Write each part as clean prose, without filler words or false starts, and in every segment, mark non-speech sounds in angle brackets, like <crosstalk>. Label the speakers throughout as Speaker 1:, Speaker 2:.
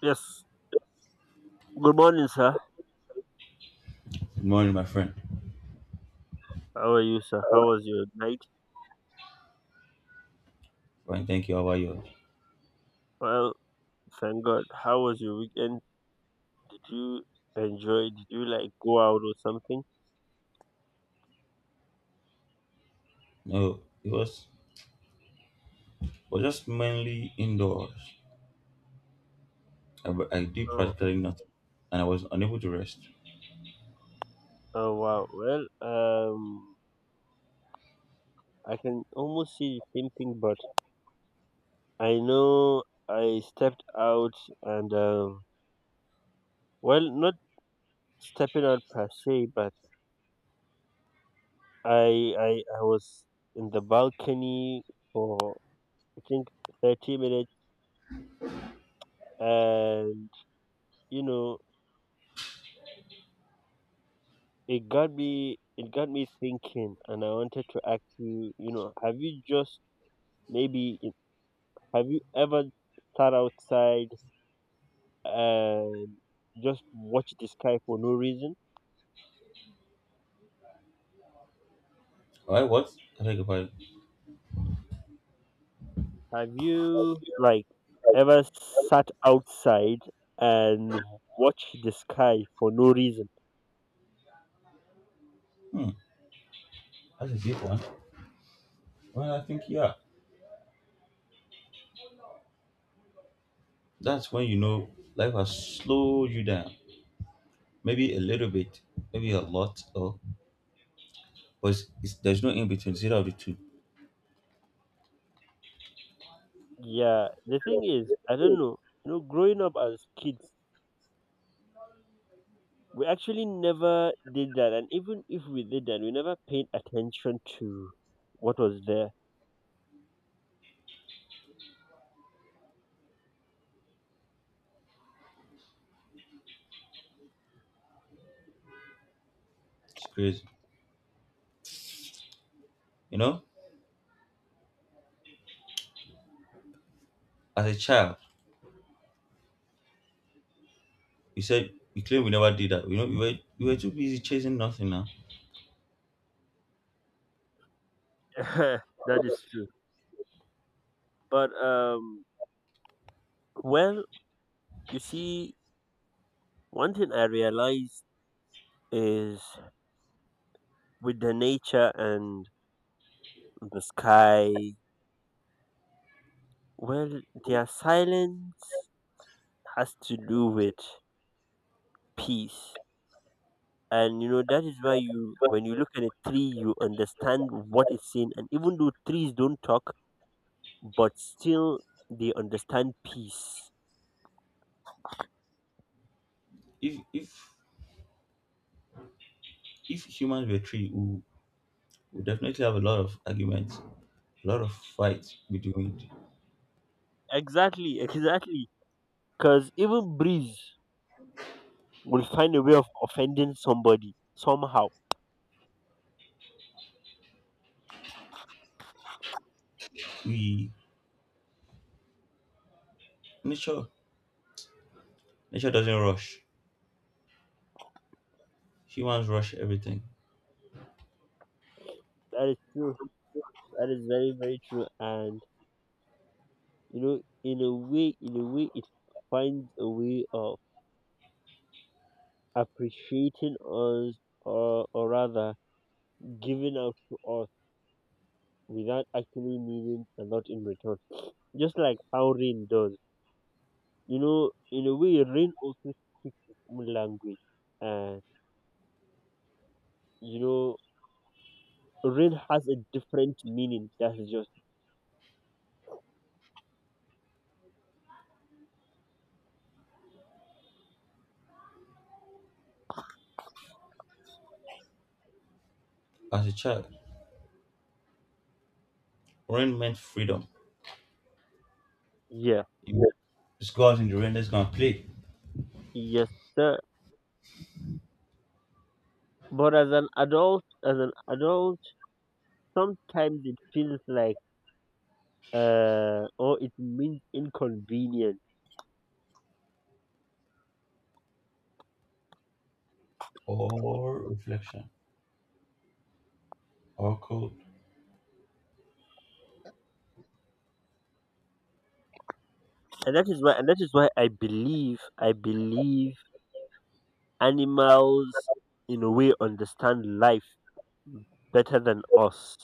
Speaker 1: Yes. Good morning, sir.
Speaker 2: Good morning, my friend.
Speaker 1: How are you, sir? How was your night?
Speaker 2: Fine, thank you. How are you?
Speaker 1: Well, thank God. How was your weekend? Did you enjoy? Did you like go out or something?
Speaker 2: No, it was just mainly indoors. I did
Speaker 1: Oh,
Speaker 2: practically nothing, and I was unable to rest.
Speaker 1: oh wow. Well, um, I can almost see the same thing, but I know I stepped out and well, not stepping out per se, but I I I was in the balcony for I think 30 minutes, and you know it got me thinking and I wanted to ask you, have you just maybe have you ever sat outside and just watched the sky for no reason?
Speaker 2: Why? What? I think about it.
Speaker 1: Have you like ever sat outside and watched the sky for no reason?
Speaker 2: Hmm. That's a deep one. Well, I think yeah. That's when you know life has slowed you down. Maybe a little bit, maybe a lot, or but it's, there's no in between. Zero of the two.
Speaker 1: Yeah, the thing is, I don't know. You know, growing up as kids, we actually never did that, and even if we did that, we never paid attention to what was there.
Speaker 2: It's crazy. You know, as a child, you said you claim we never did that. You know, we were too busy chasing nothing now
Speaker 1: <laughs> That is true. But well, you see, one thing I realized is with the nature and the sky, well, their silence has to do with peace. And you know that is why you, when you look at a tree, you understand what it's saying. And even though trees don't talk, but still they understand peace.
Speaker 2: if if if humans were three, we would definitely have a lot of arguments, a lot of fights between
Speaker 1: Exactly, <laughs> exactly. Because even breeze will find a way of offending somebody somehow.
Speaker 2: we nature. Nature doesn't rush. Humans rush everything.
Speaker 1: That is true. That is very, very true. And you know, in a way, it finds a way of appreciating us, or rather, giving out to us without actually needing a lot in return. Just like how rain does. You know, in a way, rain also speaks its own language, and you know, rain has a different meaning. That's just
Speaker 2: As a child, rain meant freedom.
Speaker 1: yeah,
Speaker 2: You would discuss in the rain that's gonna play.
Speaker 1: yes, sir. But as an adult, sometimes it feels like or it means inconvenient.
Speaker 2: Or reflection. Or cold.
Speaker 1: And that is why and that is why I believe animals in a way understand life better than us.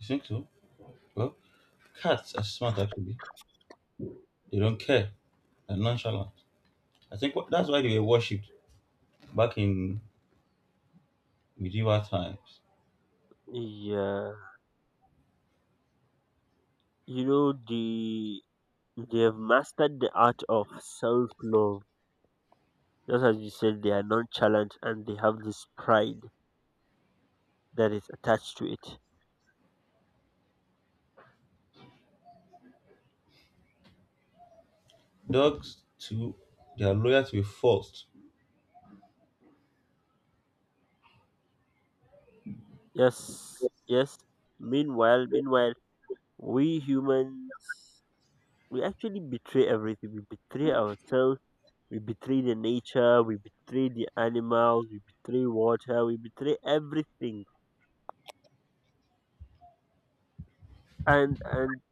Speaker 2: You think so? Well, cats are smart actually. They don't care. They're nonchalant. I think that's why they were worshipped back in medieval times.
Speaker 1: Yeah. You know they have mastered the art of self love. Just as you said, they are nonchalant and they have this pride that is attached to it.
Speaker 2: Dogs too, they are loyal to a fault.
Speaker 1: Yes. Yes. Meanwhile, we humans we actually betray everything, we betray ourselves, we betray the nature, we betray the animals, we betray water, we betray everything. And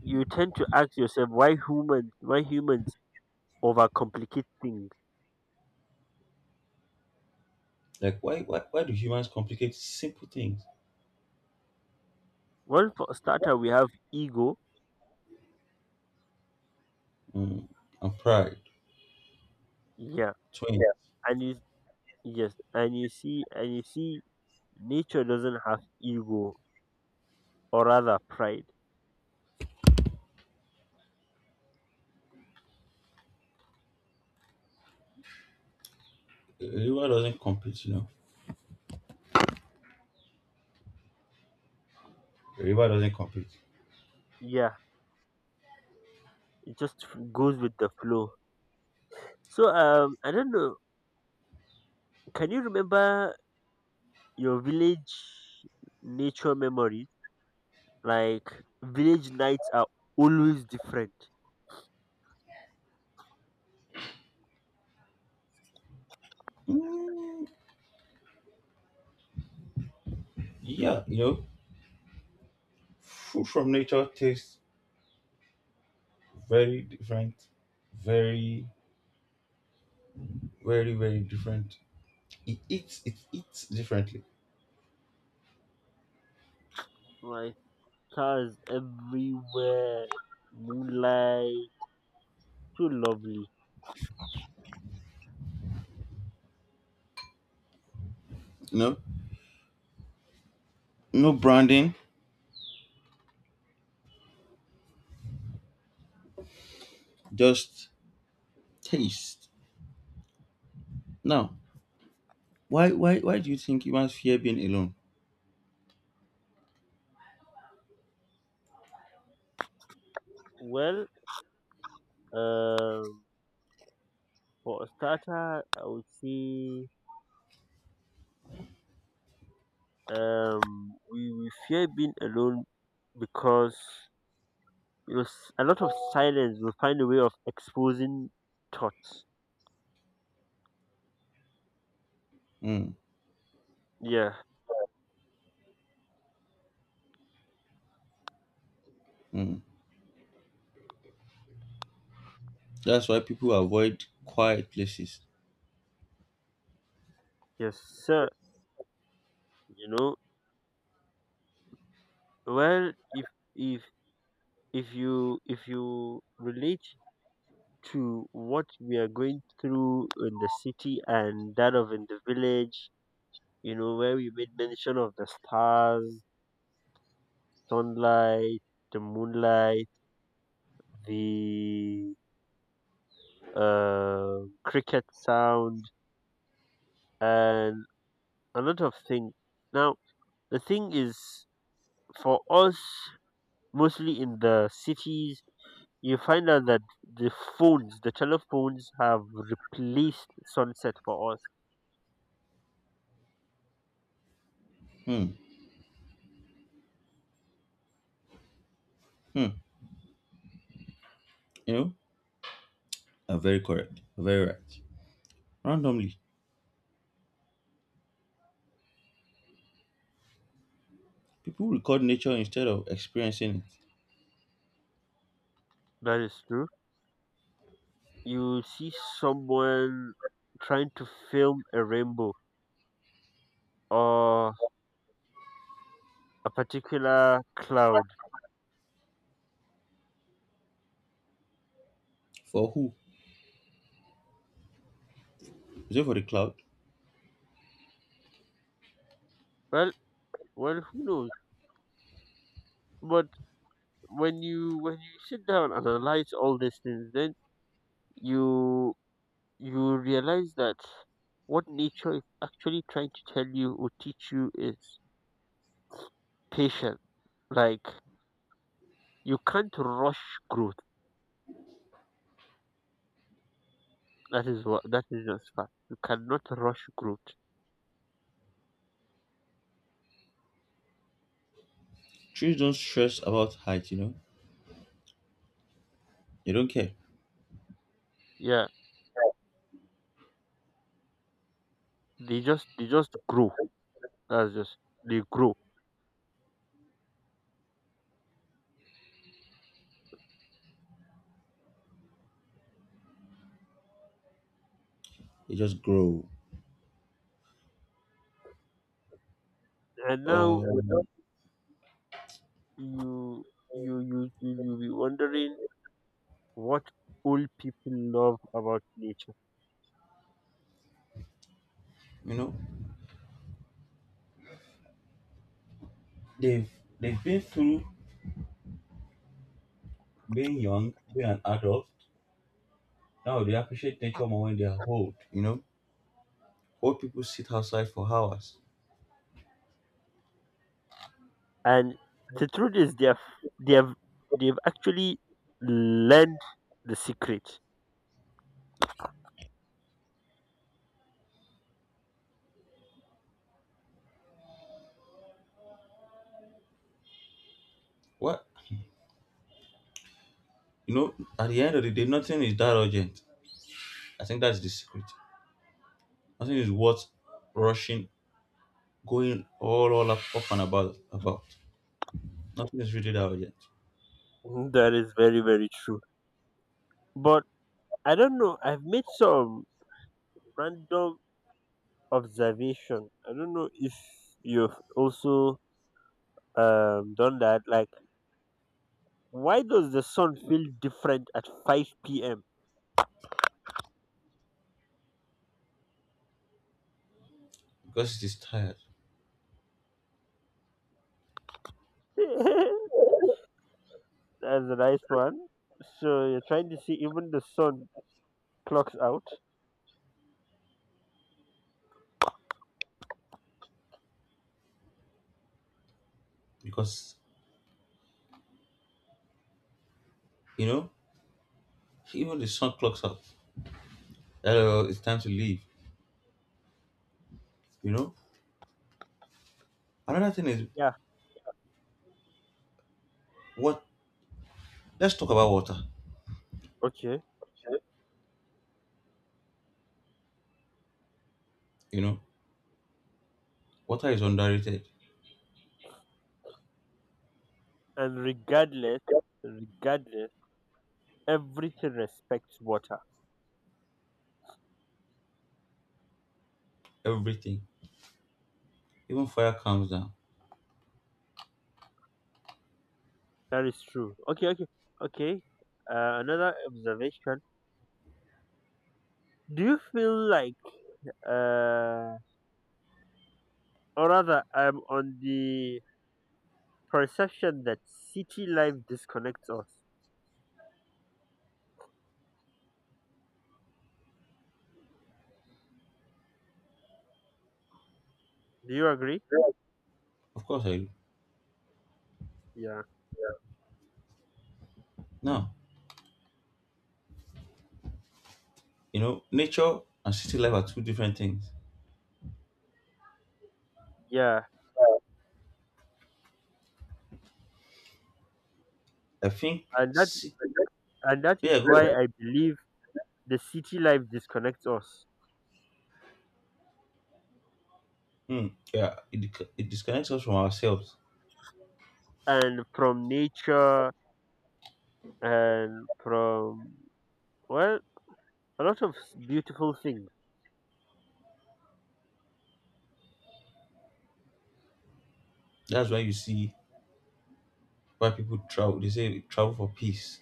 Speaker 1: you tend to ask yourself why humans overcomplicate things.
Speaker 2: Like, why do humans complicate simple things?
Speaker 1: Well, for a starter we have ego,
Speaker 2: Mm, and pride,
Speaker 1: yeah.
Speaker 2: twins. Yeah.
Speaker 1: And you yes and you see nature doesn't have ego, or rather pride.
Speaker 2: A river doesn't compete, you know. A river doesn't compete.
Speaker 1: Yeah, it just goes with the flow. So I don't know. Can you remember your village nature memories? Like village nights are always different.
Speaker 2: Mm, yeah, you know, food from nature tastes very different, very, very different. It eats differently.
Speaker 1: Like cars everywhere, moonlight, so lovely.
Speaker 2: You know, no branding, just taste. Now, why do you think humans fear being alone?
Speaker 1: Well, um, for a starter, I would say we fear being alone because you know a lot of silence will find a way of exposing thoughts.
Speaker 2: Mm,
Speaker 1: Yeah.
Speaker 2: mm. That's why people avoid quiet places.
Speaker 1: Yes, sir. You know, well, if if you relate to what we are going through in the city and that of in the village, you know, where we made mention of the stars, sunlight, the moonlight, the cricket sound, and a lot of things. Now, the thing is, for us, mostly in the cities, you find out that the phones, the telephones have replaced sunset for us.
Speaker 2: Hmm, hmm. You know, and very correct, very right. Randomly, people record nature instead of experiencing it.
Speaker 1: That is true. You see someone trying to film a rainbow or a particular cloud.
Speaker 2: For who? Is it for the cloud?
Speaker 1: Well, well, who knows? But when you sit down and analyze all these things, then you you realize that what nature is actually trying to tell you or teach you is patience. Like you can't rush growth. That is just fact. You cannot rush growth.
Speaker 2: Trees don't stress about height, you know. They don't care.
Speaker 1: Yeah, they just grow. That's just they grow.
Speaker 2: They just grow.
Speaker 1: And
Speaker 2: Uh,
Speaker 1: now you you be wondering what old people love about nature.
Speaker 2: you know, they've they've been through being young, being an adult. Now they appreciate nature more when they are old. You know, old people sit outside for hours.
Speaker 1: And the truth is they have they've actually learned the secret.
Speaker 2: What? You know, at the end of the day, nothing is that urgent. I think that's the secret. Nothing is worth rushing going all up, up and about. Nothing is really that urgent
Speaker 1: Mhm, that is very, very true. But I don't know. I've made some random observation. I don't know if you've also done that. Like why does the sun feel different at 5 p.m.?
Speaker 2: because it is tired.
Speaker 1: <laughs> That's a nice one. So you're trying to see even the sun clocks out.
Speaker 2: Because you know, even the sun clocks out. Hello, it's time to leave. You know. Another thing is
Speaker 1: Yeah,
Speaker 2: what. Let's talk about water.
Speaker 1: okay.
Speaker 2: You know, water is underrated.
Speaker 1: And regardless everything respects water.
Speaker 2: Everything, even fire, calms down.
Speaker 1: That is true. Okay, okay, okay. Another observation: do you feel like uh or rather I'm on the perception that city life disconnects us, do you agree?
Speaker 2: Of course, I do.
Speaker 1: Yeah,
Speaker 2: Now, you know, nature and city life are two different things.
Speaker 1: yeah.
Speaker 2: I think.
Speaker 1: and that
Speaker 2: ci-
Speaker 1: and that is
Speaker 2: Yeah,
Speaker 1: why
Speaker 2: go.
Speaker 1: I believe the city life disconnects us,
Speaker 2: Hmm, yeah, it, it disconnects us from ourselves.
Speaker 1: and from nature and from, well, a lot of beautiful things.
Speaker 2: That's why you see why people travel. They say travel for peace.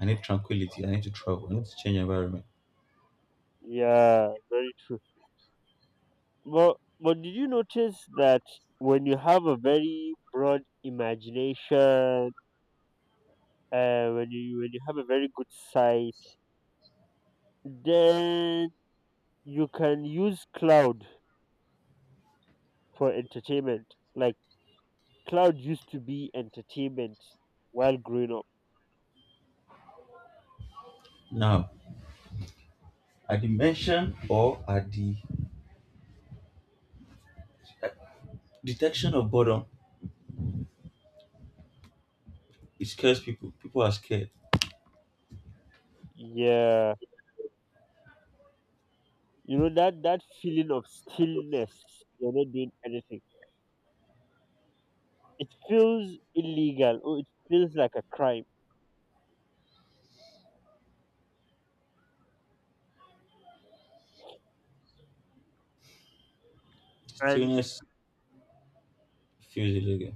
Speaker 2: I need tranquility. I need to travel. I need to change environment.
Speaker 1: Yeah, very true. But did you notice that when you have a very broad imagination, when you have a very good sight, then you can use cloud for entertainment. Like cloud used to be entertainment while growing up.
Speaker 2: Now, at the mention or at the at detection of boredom, it scares people. People are scared.
Speaker 1: Yeah. You know that that feeling of stillness, you're not doing anything. It feels illegal or it feels like a crime. And
Speaker 2: Stillness feels illegal.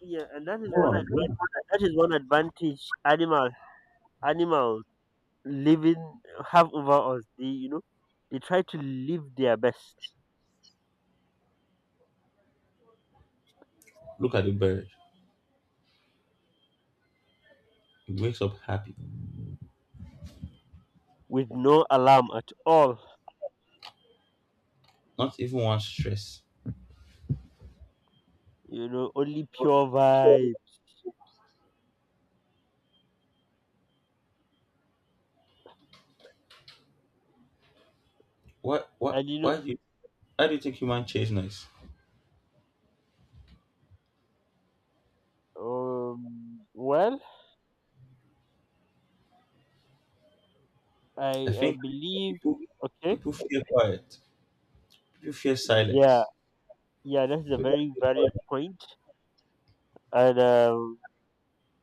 Speaker 1: yeah, and that is
Speaker 2: Go on, go on.
Speaker 1: one advantage animals living have over us. They, you know, they try to live their best
Speaker 2: Look at the bird. It wakes up happy.
Speaker 1: with no alarm at all.
Speaker 2: Not even one stress.
Speaker 1: You know, only pure vibe.
Speaker 2: Why, why,
Speaker 1: And you know
Speaker 2: why do you, why do you think human chase noise?
Speaker 1: well
Speaker 2: I
Speaker 1: I
Speaker 2: think
Speaker 1: believe
Speaker 2: people,
Speaker 1: okay.
Speaker 2: people fear quiet. People fear
Speaker 1: Yeah,
Speaker 2: silence.
Speaker 1: yeah, that is a
Speaker 2: People
Speaker 1: very
Speaker 2: fear
Speaker 1: valid
Speaker 2: quiet.
Speaker 1: point. And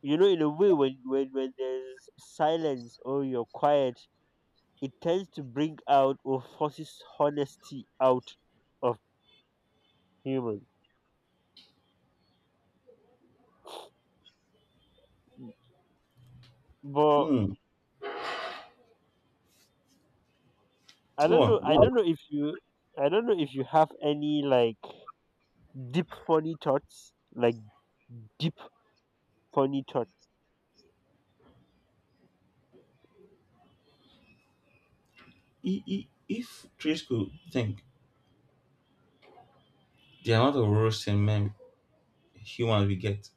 Speaker 1: you know, in a way, when there's silence or you're quiet, it tends to bring out or forces honesty out of humans. M- But
Speaker 2: Mm,
Speaker 1: I
Speaker 2: go
Speaker 1: don't know.
Speaker 2: on,
Speaker 1: I
Speaker 2: go on.
Speaker 1: don't know if you. I don't know if you have any like deep funny thoughts, like deep funny thoughts.
Speaker 2: If trees could think, the amount of roasting men humans we get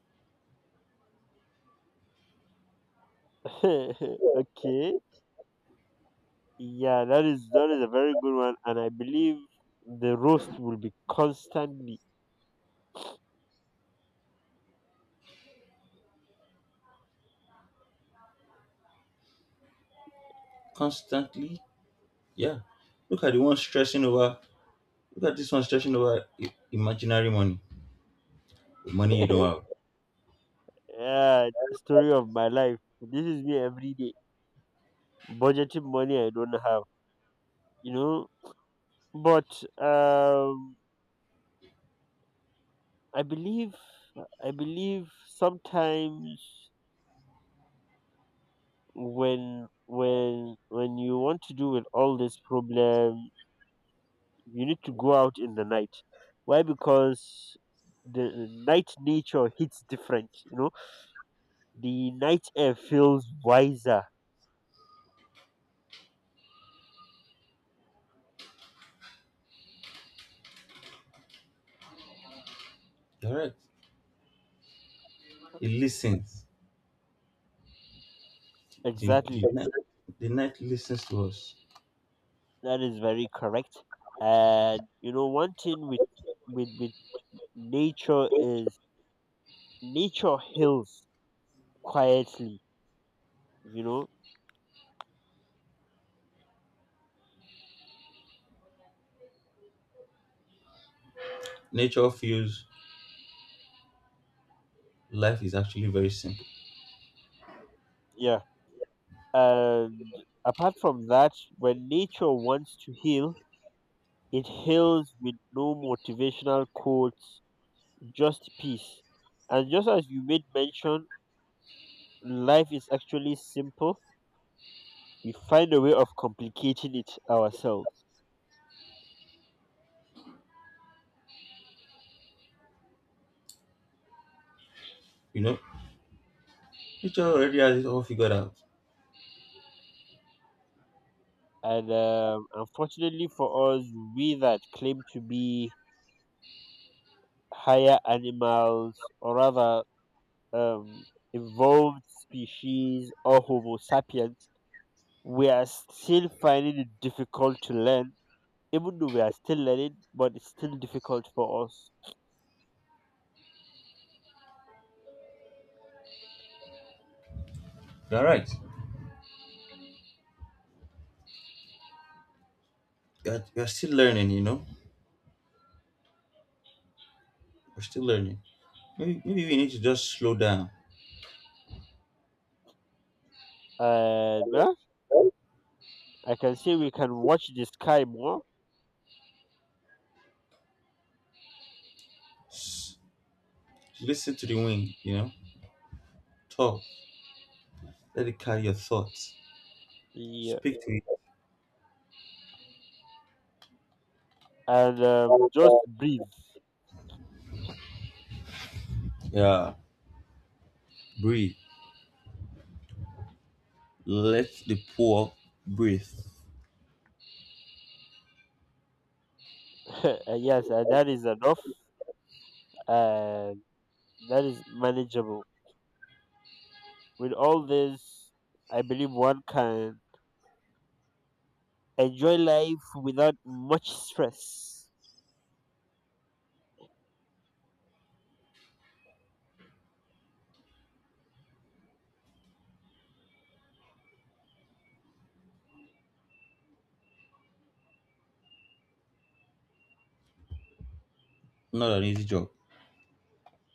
Speaker 1: <laughs> Okay. Yeah, that is a very good one, and I believe the roast will be constantly.
Speaker 2: constantly, yeah. Look at the one stressing over. Look at this one stressing over imaginary money, money you
Speaker 1: <laughs>
Speaker 2: don't have.
Speaker 1: Yeah, story of my life. This is me every day. Budgeting money I don't have, you know. But um, I believe, I believe sometimes when you want to deal with all this problem, you need to go out in the night. Why? Because the night nature hits different. You know, the night air feels wiser.
Speaker 2: You're right. It listens. The,
Speaker 1: Exactly.
Speaker 2: the, night, the night listens to us.
Speaker 1: That is very correct. And you know, one thing with with with nature is nature heals quietly. You know,
Speaker 2: Nature feels life is actually very simple.
Speaker 1: yeah. And apart from that, when nature wants to heal, it heals with no motivational quotes, just peace. And just as you made mention, life is actually simple. We find a way of complicating it ourselves.
Speaker 2: You know, nature already has it all figured out.
Speaker 1: And unfortunately for us, we that claim to be higher animals, or rather um, evolved species or Homo sapiens, we are still finding it difficult to learn, even though we are still learning, but it's still difficult for us.
Speaker 2: You're right. You're still learning. You know, we're still learning. Maybe we need to just slow down.
Speaker 1: And well, I can say we can watch the sky more.
Speaker 2: Listen to the wind, you know. Talk. Let it carry your thoughts.
Speaker 1: Yeah,
Speaker 2: Speak to
Speaker 1: and just
Speaker 2: it.
Speaker 1: breathe.
Speaker 2: Yeah. Breathe. Let the poor breathe.
Speaker 1: <laughs> Yes, and that is enough. And that is manageable. With all this, I believe one can enjoy life without much stress.
Speaker 2: Not an easy job.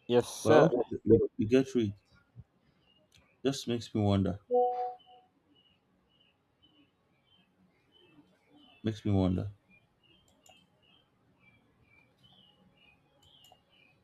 Speaker 1: Yes,
Speaker 2: But I hope
Speaker 1: sir.
Speaker 2: you get through it. Just makes me wonder. Makes me wonder.